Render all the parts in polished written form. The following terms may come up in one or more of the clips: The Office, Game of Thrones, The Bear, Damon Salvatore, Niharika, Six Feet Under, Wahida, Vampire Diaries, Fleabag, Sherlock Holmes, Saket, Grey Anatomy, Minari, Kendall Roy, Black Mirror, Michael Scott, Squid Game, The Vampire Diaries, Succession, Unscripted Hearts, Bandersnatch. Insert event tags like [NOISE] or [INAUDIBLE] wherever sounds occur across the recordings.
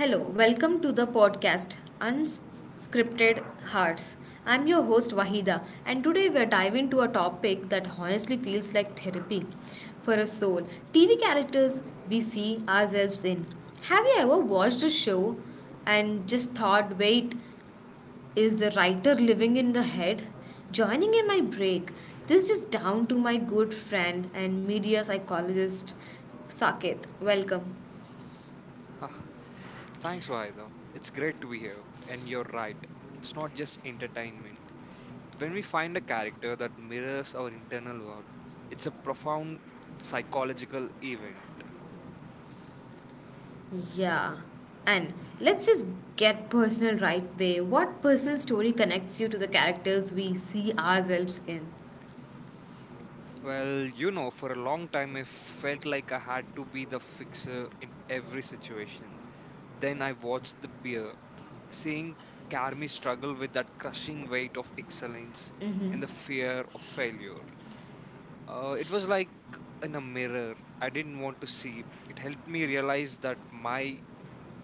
Hello, welcome to the podcast Unscripted Hearts. I'm your host Wahida, and today we're diving into a topic that honestly feels like therapy for a soul. TV characters we see ourselves in. Have you ever watched a show and just thought, wait, is the writer living in the head? Joining in my break, this is down to my good friend and media psychologist Saket. Welcome. Ah, thanks, Vaida. It's great to be here. And you're right. It's not just entertainment. When we find a character that mirrors our internal world, it's a profound psychological event. Yeah. And let's just get personal right away. What personal story connects you to the characters we see ourselves in? Well, you know, for a long time, I felt like I had to be the fixer in every situation. Then I watched The Bear, seeing Carmi struggle with that crushing weight of excellence and the fear of failure. It was like in a mirror I didn't want to see. It helped me realize that my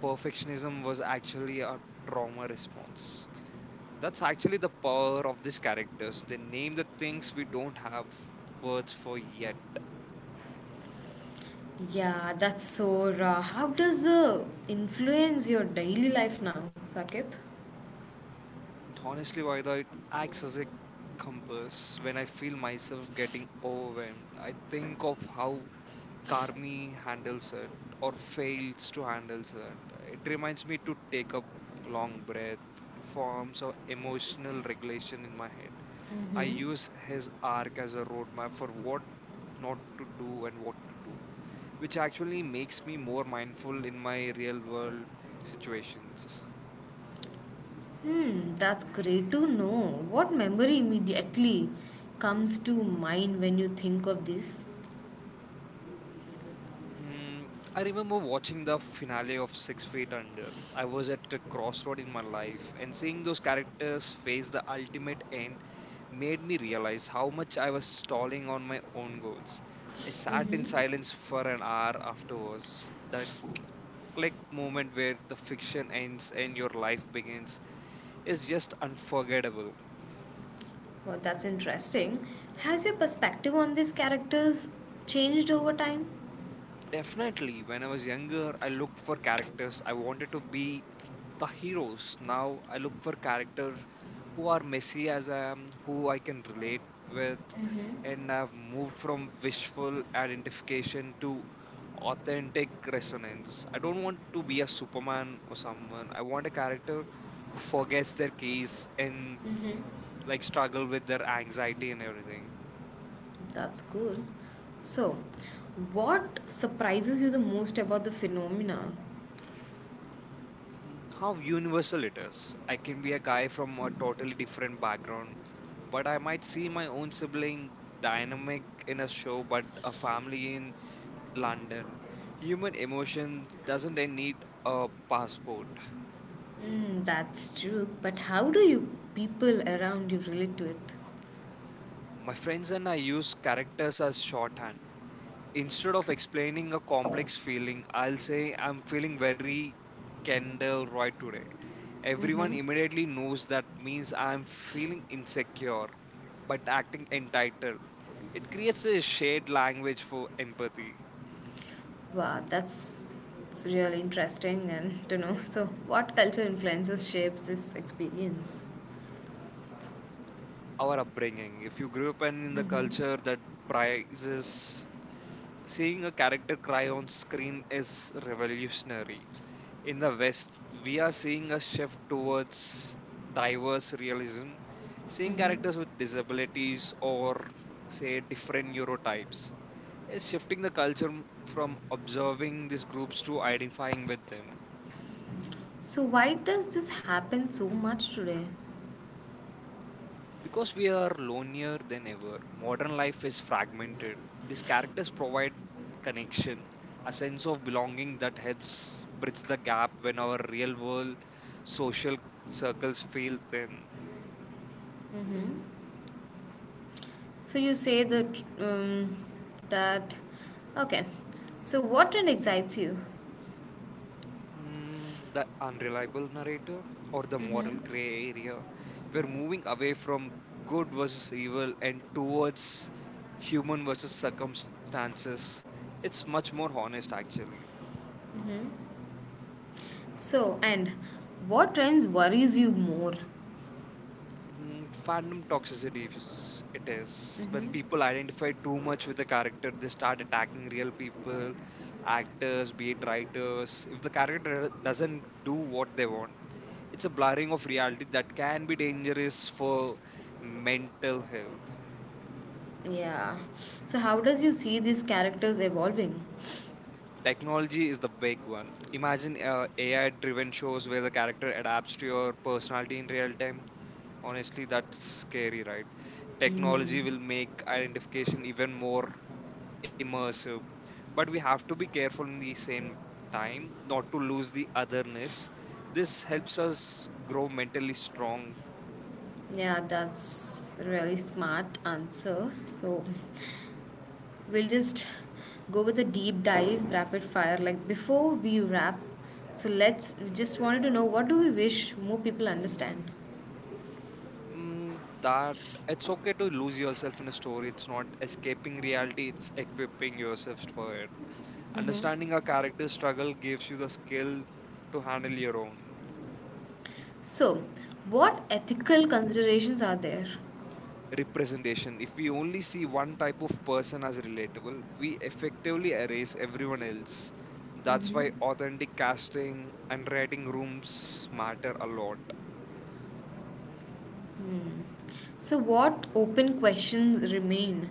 perfectionism was actually a trauma response. That's actually the power of these characters. They name the things we don't have words for yet. Yeah, that's so raw. How does the influence your daily life now, Saket? Honestly, Vaida, it acts as a compass. When I feel myself getting overwhelmed, I think of how Carmi handles it or fails to handle it. It reminds me to take a long breath. It forms a emotional regulation in my head. I use his arc as a roadmap for what not to do and what to do, which actually makes me more mindful in my real world situations. Hmm, that's great to know. What memory immediately comes to mind when you think of this? Hmm, I remember watching the finale of Six Feet Under. I was at a crossroad in my life, and seeing those characters face the ultimate end made me realize how much I was stalling on my own goals. I sat in silence for an hour afterwards. That click moment where the fiction ends and your life begins is just unforgettable. Well, that's interesting. Has your perspective on these characters changed over time? Definitely, when I was younger, I looked for characters. I wanted to be the heroes. Now I look for characters who are messy as I am, who I can relate with. And I've moved from wishful identification to authentic resonance. I don't want to be a Superman or someone. I want a character who forgets their case and like struggle with their anxiety and everything. That's cool. So, what surprises you the most about the phenomena? How universal it is. I can be a guy from a totally different background, but I might see my own sibling dynamic in a show, but a family in London. Human emotion doesn't need a passport. Mm, that's true. But how do you people around you relate to it? My friends and I use characters as shorthand. Instead of explaining a complex feeling, I'll say I'm feeling very Kendall Roy today. Everyone immediately knows that means I'm feeling insecure but acting entitled. It creates a shared language for empathy. Wow, that's it's really interesting and [LAUGHS] to know. So, what culture influences shapes this experience? Our upbringing. If you grew up in the culture that prizes seeing a character cry on screen is revolutionary in the West, we are seeing a shift towards diverse realism, seeing characters with disabilities or, say, different neurotypes. It's shifting the culture from observing these groups to identifying with them. So, why does this happen so much today? Because we are lonelier than ever, modern life is fragmented. These characters provide connection, a sense of belonging that helps bridge the gap when our real world social circles feel thin. So, you say that that okay. So, what trend excites you? The unreliable narrator or the moral gray area. We're moving away from good versus evil and towards human versus circumstances. It's much more honest, actually. So, and what trends worries you more? Fandom toxicity, it is. When people identify too much with a character, they start attacking real people, actors, be it writers, if the character doesn't do what they want, it's a blurring of reality that can be dangerous for mental health. Yeah. So how does you see these characters evolving? Technology is the big one. Imagine AI driven shows where the character adapts to your personality in real time. Honestly, that's scary, right? Technology will make identification even more immersive, but we have to be careful in the same time not to lose the otherness. This helps us grow mentally strong. Yeah, that's really smart answer. So we'll just go with a deep dive, rapid fire. Like before we wrap, so let's we just wanted to know what do we wish more people understand. That it's okay to lose yourself in a story. It's not escaping reality, it's equipping yourself for it. Understanding a character's struggle gives you the skill to handle your own So, what ethical considerations are there? representation. If we only see one type of person as relatable, we effectively erase everyone else. That's why authentic casting and writing rooms matter a lot. So, what open questions remain?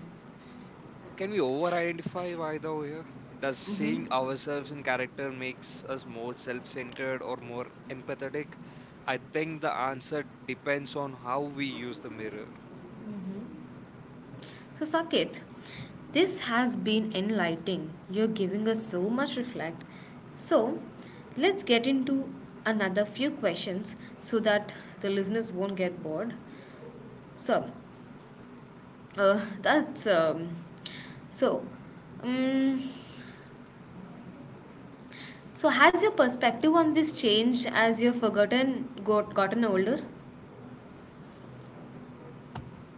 Can we over identify by the way? Does seeing ourselves in character makes us more self centered or more empathetic? I think the answer depends on how we use the mirror. So, Saket, this has been enlightening. You're giving us so much reflect. So, let's get into another few questions so that the listeners won't get bored. So, that's so. Um, so, has your perspective on this changed as you've forgotten got gotten older?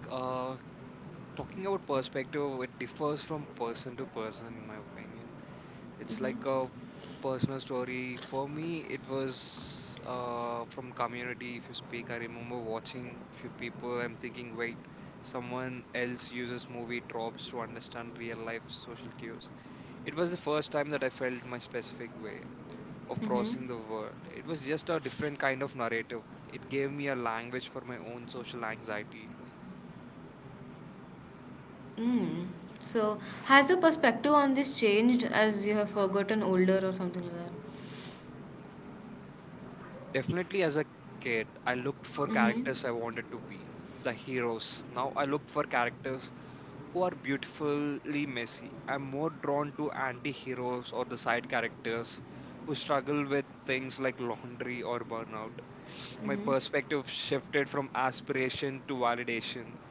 Uh, talking about perspective, it differs from person to person, in my opinion. It's like a personal story. For me, it was from community. If you speak, I remember watching few people. I'm thinking, wait, someone else uses movie tropes to understand real life social cues. It was the first time that I felt my specific way of processing the world. It was just a different kind of narrative. It gave me a language for my own social anxiety. Mm. So, has your perspective on this changed as you have forgotten older or something like that? Definitely, as a kid, I looked for Mm-hmm. characters I wanted to be the heroes. Now I look for characters who are beautifully messy. I'm more drawn to anti heroes or the side characters who struggle with things like laundry or burnout. My perspective shifted from aspiration to validation.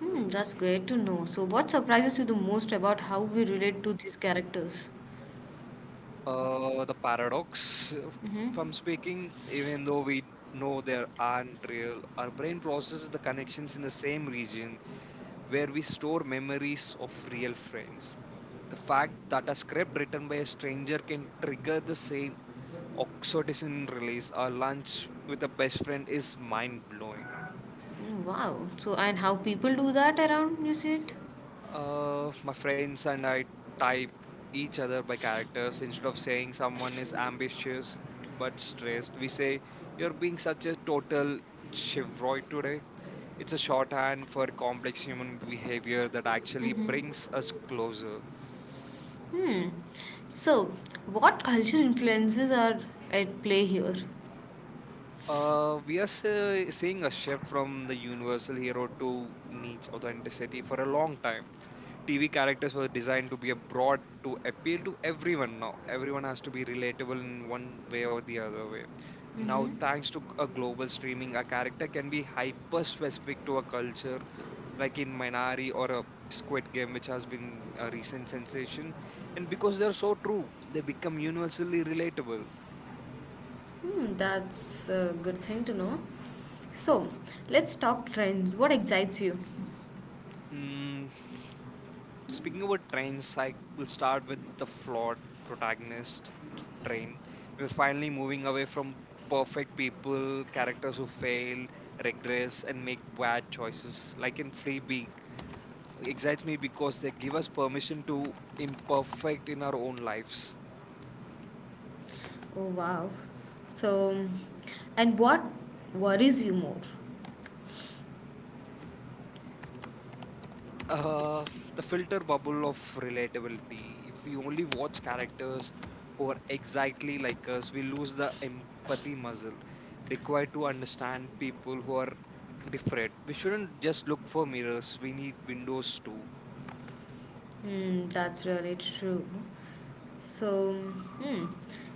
Hmm, that's great to know. So, what surprises you the most about how we relate to these characters? The paradox, Mm-hmm. if I'm speaking, even though we know they aren't real, our brain processes the connections in the same region where we store memories of real friends. The fact that a script written by a stranger can trigger the same oxytocin release, our lunch with a best friend is mind blowing. Hmm, wow. So, and how people do that around, you see it? My friends and I type each other by characters instead of saying someone is ambitious but stressed. We say, "You're being such a total chevroid today." It's a shorthand for complex human behavior that actually brings us closer. Hmm. So, what cultural influences are at play here? We are seeing a shift from the universal hero to niche authenticity for a long time. TV characters were designed to be a broad to appeal to everyone. Now everyone has to be relatable in one way or the other way. Now, thanks to a global streaming, a character can be hyper specific to a culture, like in Minari or a Squid Game, which has been a recent sensation. And because they're so true, they become universally relatable. Hmm, that's a good thing to know. So, let's talk trends. What excites you? Hmm, Speaking about trains, I will start with the flawed protagonist train. We're finally moving away from perfect people, characters who fail, regress, and make bad choices. Like in Fleabag, excites me because they give us permission to imperfect in our own lives. Oh, wow. So, and what worries you more? uh, the filter bubble of relatability. If we only watch characters who are exactly like us, we lose the empathy muscle required to understand people who are different. We shouldn't just look for mirrors, we need windows too. Hmm, that's really true. So, hmm.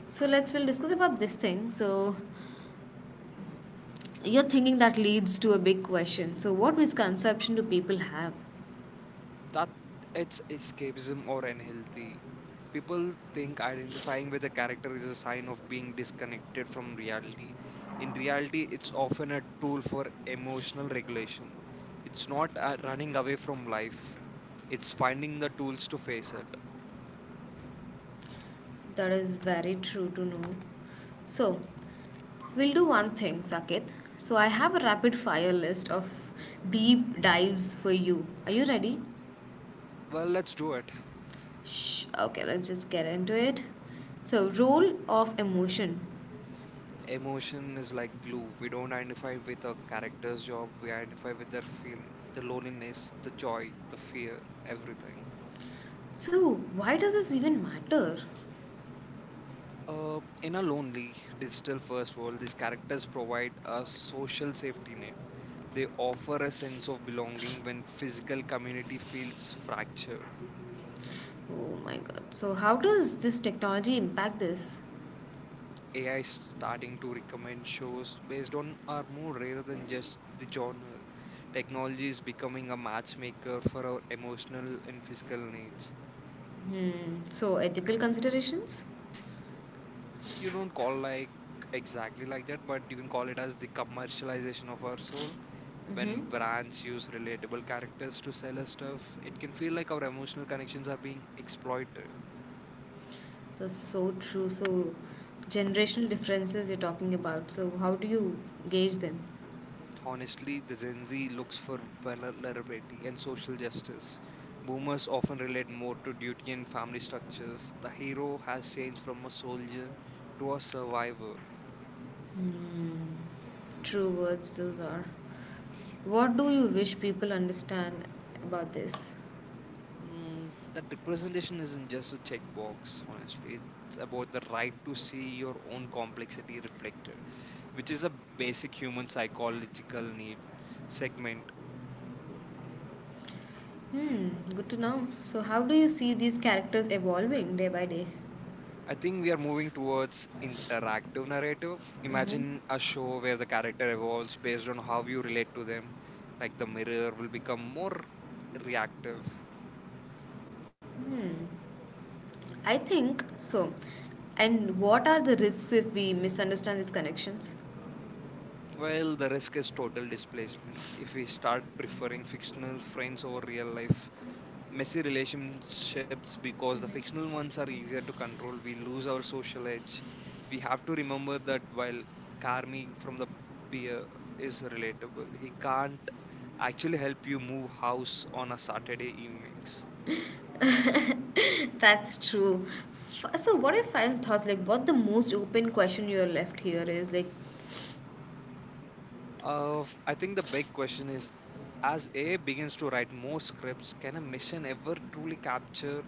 So let's we'll discuss about this thing. So, your thinking that leads to a big question. So, what misconception do people have? That it's escapism or unhealthy. People think identifying with a character is a sign of being disconnected from reality. In reality, it's often a tool for emotional regulation. It's not running away from life, it's finding the tools to face it. That is very true to know. So, we'll do one thing, Saket. So, I have a rapid fire list of deep dives for you. Are you ready? Well, let's do it. Shh. Okay, let's just get into it. So, role of emotion. Emotion is like glue. We don't identify with a character's job, we identify with their feeling, the loneliness, the joy, the fear, everything. So, why does this even matter? In a lonely, digital first world, these characters provide a social safety net. They offer a sense of belonging when physical community feels fractured. Oh my god. So, how does this technology impact this? AI is starting to recommend shows based on our mood rather than just the genre. Technology is becoming a matchmaker for our emotional and physical needs. So ethical considerations? You don't call like exactly like that, but you can call it as the commercialization of our soul. When Mm-hmm. brands use relatable characters to sell us stuff, it can feel like our emotional connections are being exploited. That's so true. So generational differences you're talking about. So how do you gauge them? Honestly, the Gen Z looks for vulnerability and social justice. Boomers often relate more to duty and family structures. The hero has changed from a soldier to a survivor. True words those are. What do you wish people understand about this? That representation isn't just a checkbox, honestly. It's about the right to see your own complexity reflected, which is a basic human psychological need segment. Hmm, good to know. So how do you see these characters evolving day by day? I think we are moving towards interactive narrative. Mm-hmm. Imagine a show where the character evolves based on how you relate to them, like the mirror will become more reactive. I think so. And what are the risks if we misunderstand these connections? Well, the risk is total displacement. If we start preferring fictional friends over real life messy relationships because the fictional ones are easier to control. We lose our social edge. We have to remember that while Carmi from the beer is relatable, he can't actually help you move house on a Saturday evenings. That's true. So, what are your final thoughts? Like, what the most open question you're left here is like, I think the big question is as AI begins to write more scripts, can a mission ever truly capture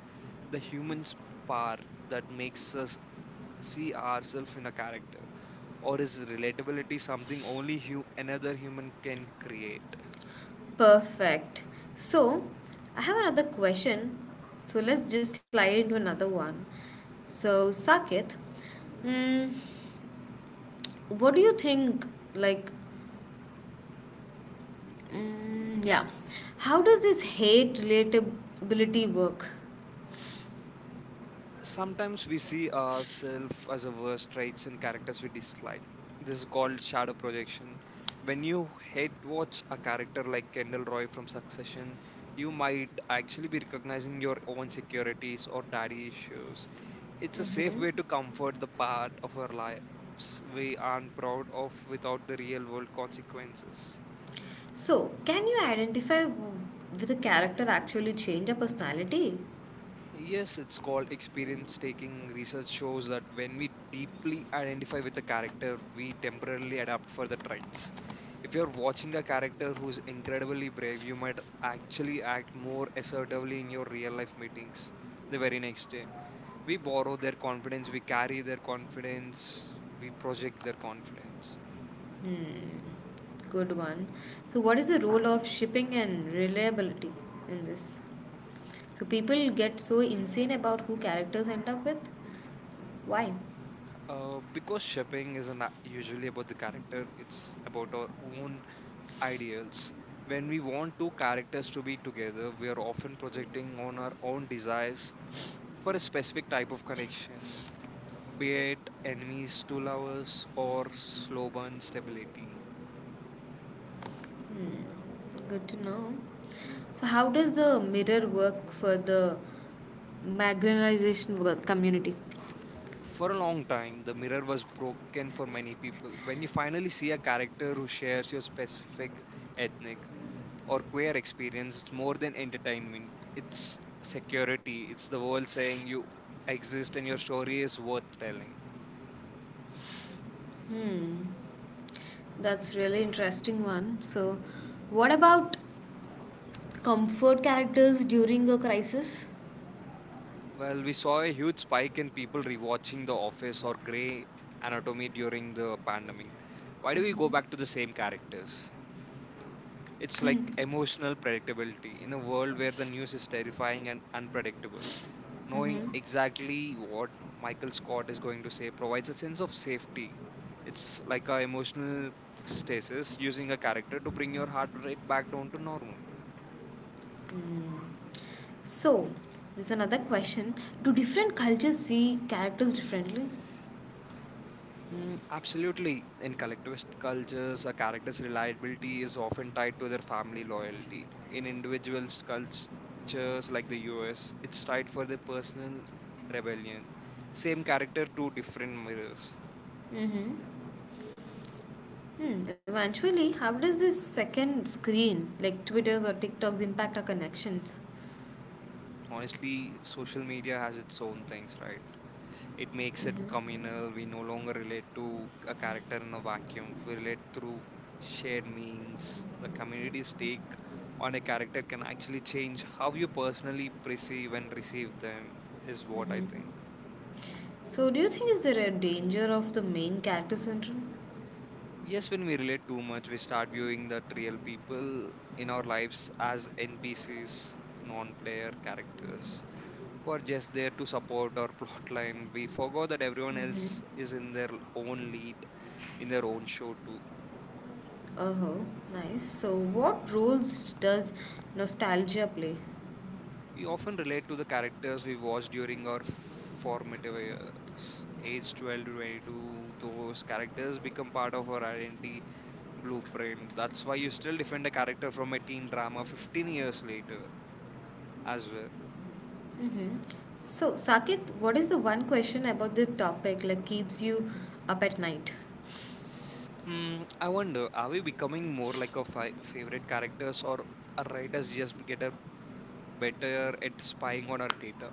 the human spark that makes us see ourselves in a character? Or is relatability something only another human can create? perfect. So, I have another question. So, let's just slide into another one. So, Saket, mm, what do you think? Like, mm, yeah, how does this hate relatability work? Sometimes we see ourselves as a worst traits in characters we dislike. This is called shadow projection. When you hate watch a character like Kendall Roy from Succession, you might actually be recognizing your own securities or daddy issues. It's a safe way to comfort the part of our lives we aren't proud of without the real world consequences. So, can you identify with a character actually change a personality? Yes, it's called experience taking. Research shows that when we deeply identify with a character, we temporarily adapt for the traits. If you're watching a character who's incredibly brave, you might actually act more assertively in your real life meetings the very next day. We borrow their confidence, we carry their confidence, we project their confidence. Good one. So, what is the role of shipping and reliability in this? So, people get so insane about who characters end up with. Why? Because shipping isn't usually about the character, it's about our own ideals. When we want two characters to be together, we are often projecting on our own desires for a specific type of connection, be it enemies to lovers or slow burn stability. Good to know. So, how does the mirror work for the marginalization community? For a long time, the mirror was broken for many people. When you finally see a character who shares your specific ethnic or queer experience, it's more than entertainment, it's security, it's the world saying you exist and your story is worth telling. That's really interesting one. So, what about comfort characters during a crisis? Well, we saw a huge spike in people rewatching The Office or Grey Anatomy during the pandemic. Why do we go back to the same characters? It's like emotional predictability in a world where the news is terrifying and unpredictable. Knowing exactly what Michael Scott is going to say provides a sense of safety. It's like a emotional stasis using a character to bring your heart rate back down to normal. So, there's another question. Do different cultures see characters differently? Mm, absolutely. In collectivist cultures, a character's reliability is often tied to their family loyalty. In individuals' cultures like the US, it's tied for their personal rebellion. Same character, two different mirrors. Hmm. Eventually, how does this second screen, like Twitter's or TikTok's, impact our connections? Honestly, social media has its own things, right? It makes it communal. We no longer relate to a character in a vacuum. We relate through shared memes. The community's take on a character can actually change how you personally perceive and receive them, is what I think. So, do you think is there a danger of the main character syndrome? Yes, when we relate too much, we start viewing that real people in our lives as NPCs, non player characters who are just there to support our [LAUGHS] plot line. We forgot that everyone else is in their own lead, in their own show too. Oh, ho, nice. So, what roles does nostalgia play? We often relate to the characters we watched during our formative years. Age 12 to 22, those characters become part of our identity blueprint. That's why you still defend a character from a teen drama 15 years later as well. Mm-hmm. So, Saket, what is the one question about the topic like keeps you up at night? Hmm, I wonder, are we becoming more like our favorite characters or are writers just get a better at spying on our data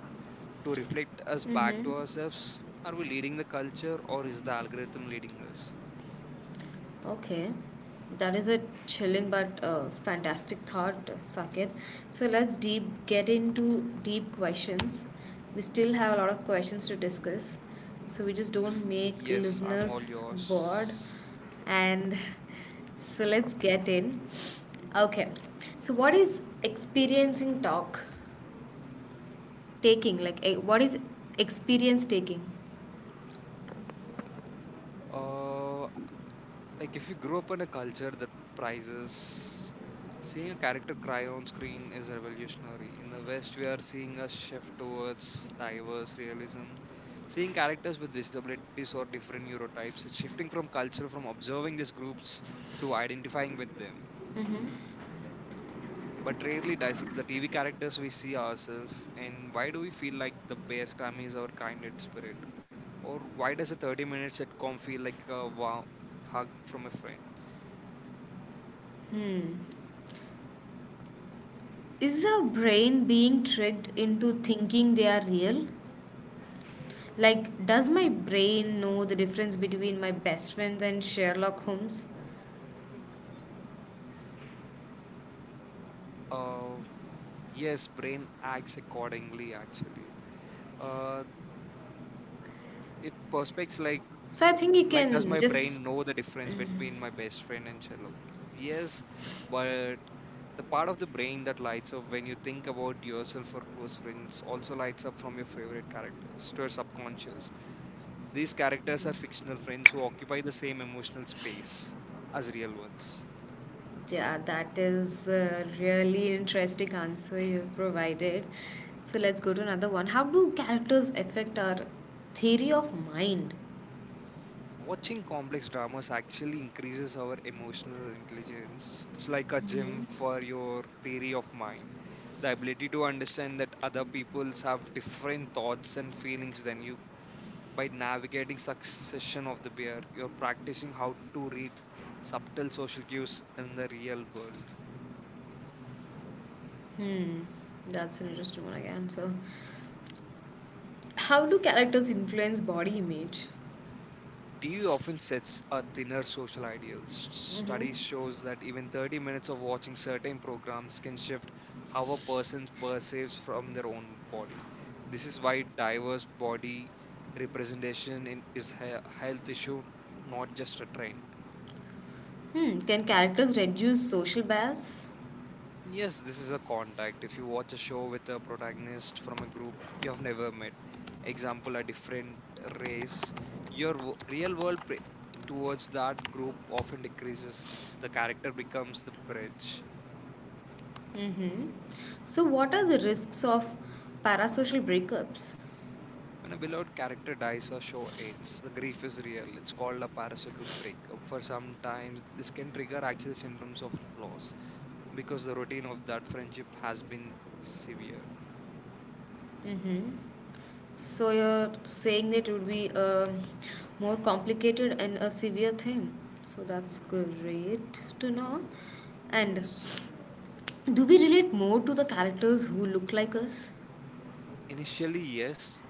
to reflect us back to Mm-hmm. ourselves? Are we leading the culture or is the algorithm leading us? Okay, that is a chilling but fantastic thought, Saket. So let's deep get into deep questions. We still have a lot of questions to discuss, so we just don't make Yes, I'm all listeners bored. yours. And so let's get in. Okay, so what is experiencing talk taking? Like, what is experience taking? Uh, like if you grow up in a culture that prizes seeing a character cry on screen is revolutionary. In the West, we are seeing a shift towards diverse realism. Seeing characters with disabilities or different neurotypes is shifting from culture from observing these groups to identifying with them. But rarely dissects the TV characters we see ourselves and why do we feel like the bears, Grammy is our kindred spirit? Or why does a 30-minute sitcom feel like a wow hug from a friend? Hmm. Is our brain being tricked into thinking they are real? Like, does my brain know the difference between my best friends and Sherlock Holmes? Uh, yes, brain acts accordingly actually. Uh, it perspects like So I think you like does can my brain just, know the difference between my best friend and Sherlock Holmes? Yes, but the part of the brain that lights up when you think about yourself or close friends also lights up from your favorite characters to your subconscious. These characters are fictional friends who occupy the same emotional space as real ones. yeah, that is a really interesting answer you've provided. So let's go to another one. How do characters affect our theory of mind? Watching complex dramas actually increases our emotional intelligence. It's like a gym for your theory of mind. The ability to understand that other peoples have different thoughts and feelings than you. By navigating succession of the bear, you're practicing how to read subtle social cues in the real world. Hmm, that's an interesting one again. So, how do characters influence body image? TV often sets a thinner social ideal. Studies shows that even 30 minutes of watching certain programs can shift how a person perceives from their own body. This is why diverse body representation in, is a health issue, not just a trend. Hmm, can characters reduce social bias? Yes, this is a contact. If you watch a show with a protagonist from a group you have never met, example, a different race, your real world towards that group often decreases. The character becomes the bridge. Mm-hmm. So, what are the risks of parasocial breakups? When a beloved character dies or show ends, the grief is real. It's called a parasocial breakup. For sometimes, this can trigger actual symptoms of loss because the routine of that friendship has been severe. Mm-hmm. So you're saying that it would be a more complicated and a severe thing. So that's great to know. And Yes. do we relate more to the characters who look like us? Initially, yes.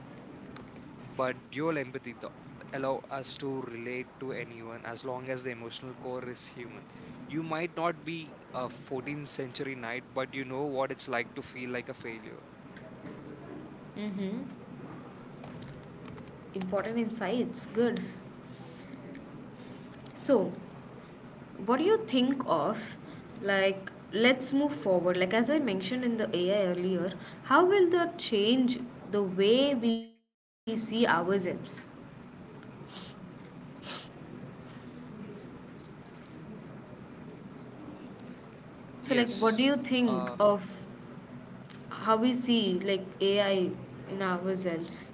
But dual empathy allow us to relate to anyone as long as the emotional core is human. You might not be a 14th century knight, but you know what it's like to feel like a failure. Important insights. Good. So, what do you think of like let's move forward like as I mentioned in the AI earlier how will that change the way we see ourselves Yes. so like what do you Uh, think of how we see like AI in ourselves.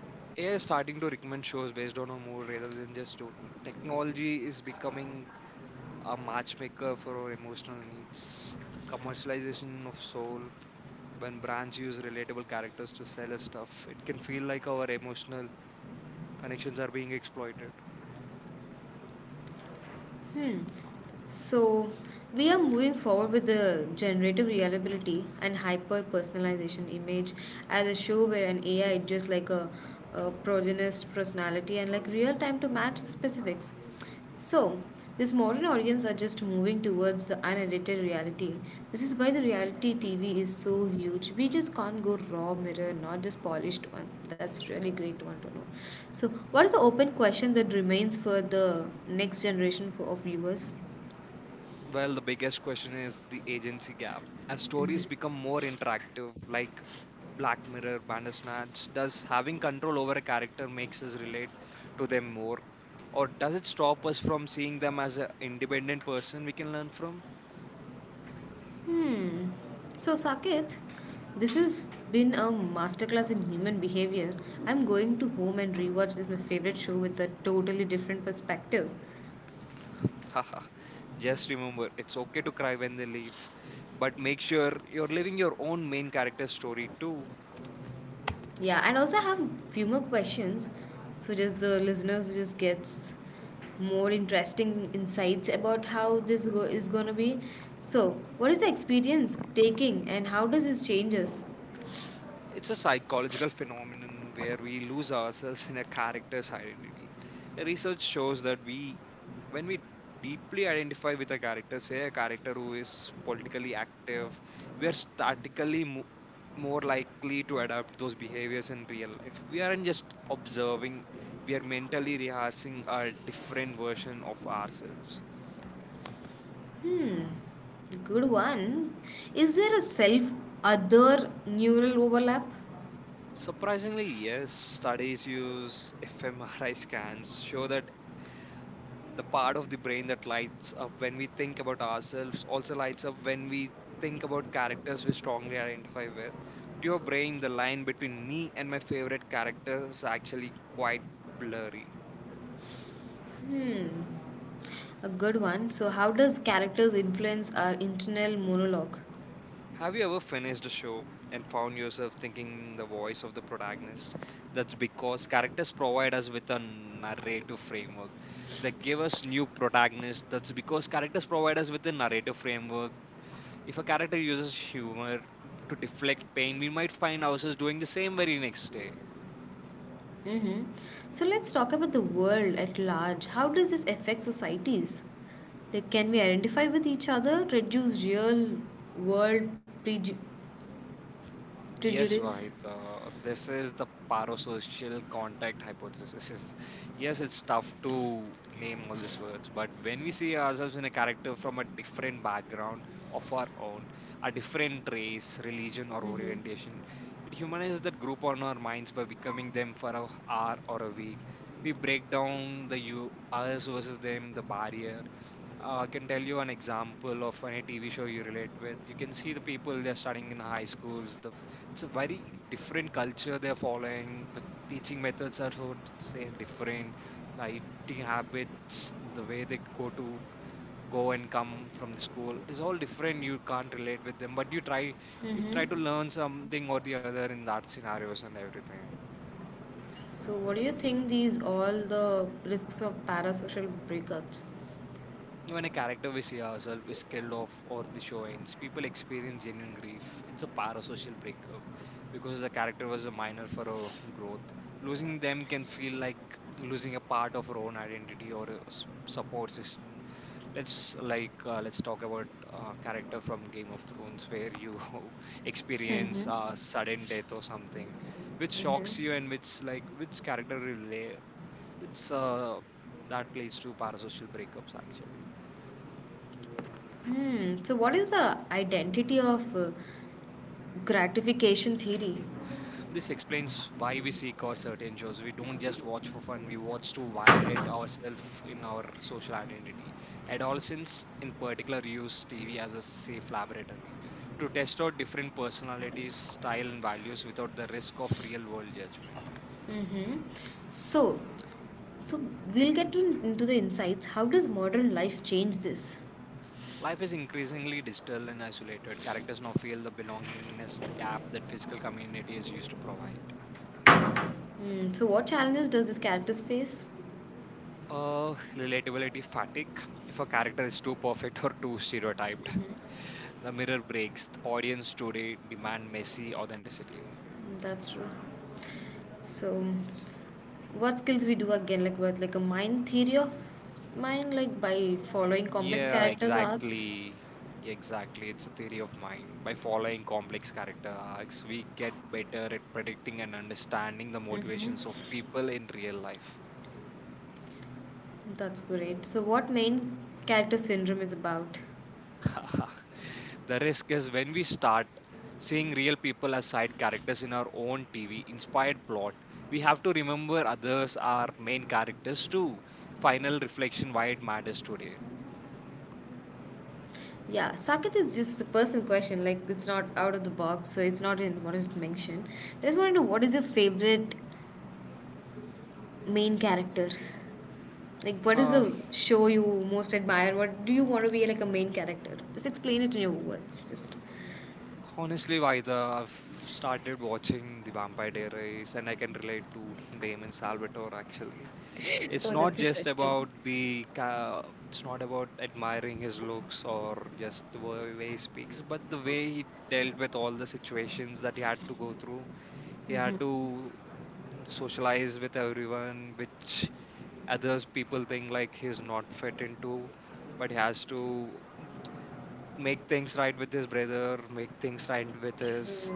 AI is starting to recommend shows based on a mood rather than just donor. Technology is becoming a matchmaker for our emotional needs. The commercialization of soul, when brands use relatable characters to sell us stuff, it can feel like our emotional connections are being exploited. Hmm. So we are moving forward with the generative reliability and hyper personalization image as a show where an AI just like a progenist personality and like real time to match the specifics. So, these modern audience are just moving towards the unedited reality. This is why the reality TV is so huge. We just can't go raw mirror, not just polished one. That's really great one to know. So, what is the open question that remains for the next generation for, of viewers? Well, the biggest question is the agency gap. As stories become more interactive, like Black Mirror, Bandersnatch, does having control over a character makes us relate to them more? Or does it stop us from seeing them as an independent person we can learn from? So, Saket, this has been a masterclass in human behavior. I'm going to home and rewatch this my favorite show with a totally different perspective. [LAUGHS] Haha. Just remember, it's okay to cry when they leave, but make sure you're living your own main character story too. Yeah, and also I have few more questions, so just the listeners just gets more interesting insights about how this is gonna be. So, what is the experience taking, and how does this changes? It's a psychological phenomenon where we lose ourselves in a character's identity. Research shows that when we deeply identify with a character, say a character who is politically active, we are statically more likely to adapt those behaviors in real life. We aren't just observing, we are mentally rehearsing a different version of ourselves. Good one. Is there a self other neural overlap? Surprisingly, yes, studies use [LAUGHS] fMRI scans show that the part of the brain that lights up when we think about ourselves also lights up when we think about characters we strongly identify with. To your brain, the line between me and my favorite character is actually quite blurry. A good one. So, how does characters influence our internal monologue? Have you ever finished a show and found yourself thinking the voice of the protagonist? That's because characters provide us with a narrative framework. They give us new protagonists. That's because characters provide us with a narrative framework. If a character uses humor to deflect pain, we might find ourselves doing the same very next day. Mm-hmm. So, let's talk about the world at large. How does this affect societies? Like, can we identify with each other, reduce real world Yes, prejudice? Vahid. This is the parasocial contact hypothesis. [LAUGHS] Yes, it's tough to name all these words, but when we see ourselves in a character from a different background of our own, a different race, religion, or orientation, it humanizes that group on our minds by becoming them for a hour or a week. We break down the you us versus them, the barrier. I can tell you an example of any TV show you relate with. You can see the people they're studying in high schools, the it's a very different culture they're following. The teaching methods are so say different. The eating habits, the way they go to go and come from the school is all different. You can't relate with them, but you try to learn something or the other in that scenarios and everything. So, what do you think these all the risks of parasocial breakups? When a character we see ourselves is killed off or the show ends, people experience genuine grief. It's a parasocial breakup because the character was a minor for our [LAUGHS] growth. Losing them can feel like losing a part of our own identity or a support system. Let's talk about character from Game of Thrones where you [LAUGHS] experience sudden death or something, which shocks you and which like which character relay. It's That leads to parasocial breakups actually. Hmm. So, what is the identity of gratification theory? This explains why we seek out certain shows. We don't just watch for fun, we watch to validate ourselves in our social identity. Adolescents, in particular, use TV as a safe laboratory to test out different personalities, style, and values without the risk of real world judgment. So, so we'll get to, into the insights. How does modern life change this? Life is increasingly digital and isolated. Characters now feel the belongingness, the gap that physical community is used to provide. Hmm. So, what challenges does this characters face? Relatability fatigue. If a character is too perfect or too stereotyped, the mirror breaks. The audience today demand messy authenticity. That's true. So, what skills we do again, like with like a mind theory of mind, like by following complex Yeah, characters arcs. exactly. Yeah, exactly. It's a theory of mind. By following complex character arcs, we get better at predicting and understanding the motivations of people in real life. That's great. So, what main character syndrome is about? [LAUGHS] The risk is when we start seeing real people as side characters in our own TV inspired plot, we have to remember others are main characters too. Final reflection why it matters today. Yeah, Saket is just a personal question. Like it's not out of the box, so it's not in what is mentioned. I just want to know what is your favorite main character? Like what is Uh, the show you most admire? What do you want to be like a main character? Just explain it in your words. Just. Honestly, Vaida, I've started watching The Vampire Diaries and I can relate to [LAUGHS] Damon Salvatore actually. [LAUGHS] It's Oh, not that's just interesting. about the ca- it's not about admiring his looks or just the way he speaks, but the way he dealt with all the situations that he had to go through. He had to socialize with everyone, which others people think like he's not fit into, but he has to make things right with his brother, make things right with his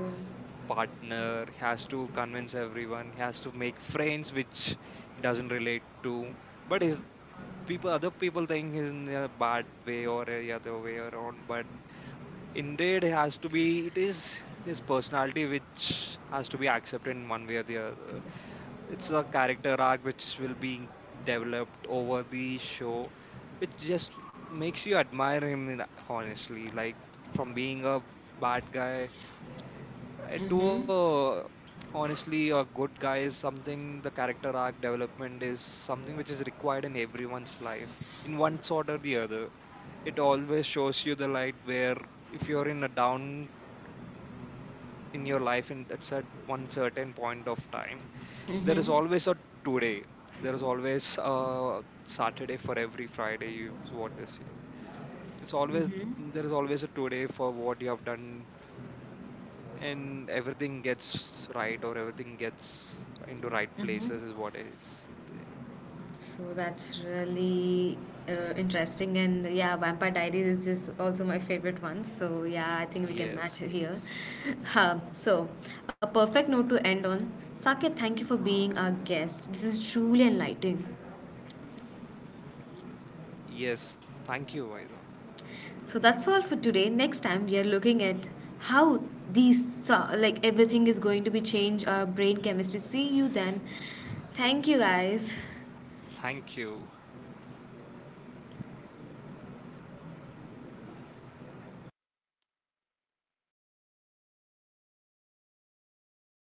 partner. He has to convince everyone. He has to make friends which he doesn't relate to, but his people other people think he's in a bad way or a other way around, but indeed it has to be it is his personality which has to be accepted in one way or the other. It's a character arc which will be developed over the show, which just makes you admire him honestly, like from being a bad guy it Mm-hmm. were honestly a good guy is something. The character arc development is something which is required in everyone's life in one sort or the other. It always shows you the light where if you're in a down in your life in at one certain point of time, there is Mm-hmm. always a today. There is always a Saturday for every Friday is what they say. It's always there is always a today for what you have done and everything gets right or everything gets into right places is what is. So that's really interesting, and yeah, Vampire Diaries is just also my favorite one. So yeah, I think we can Yes, match here. [LAUGHS] yes. So a perfect note to end on. Saket, thank you for being our guest. This is truly enlightening. Yes, thank you, Vaidha. So that's all for today. Next time we are looking at how these like everything is going to be change our brain chemistry. See you then. Thank you guys. Thank you.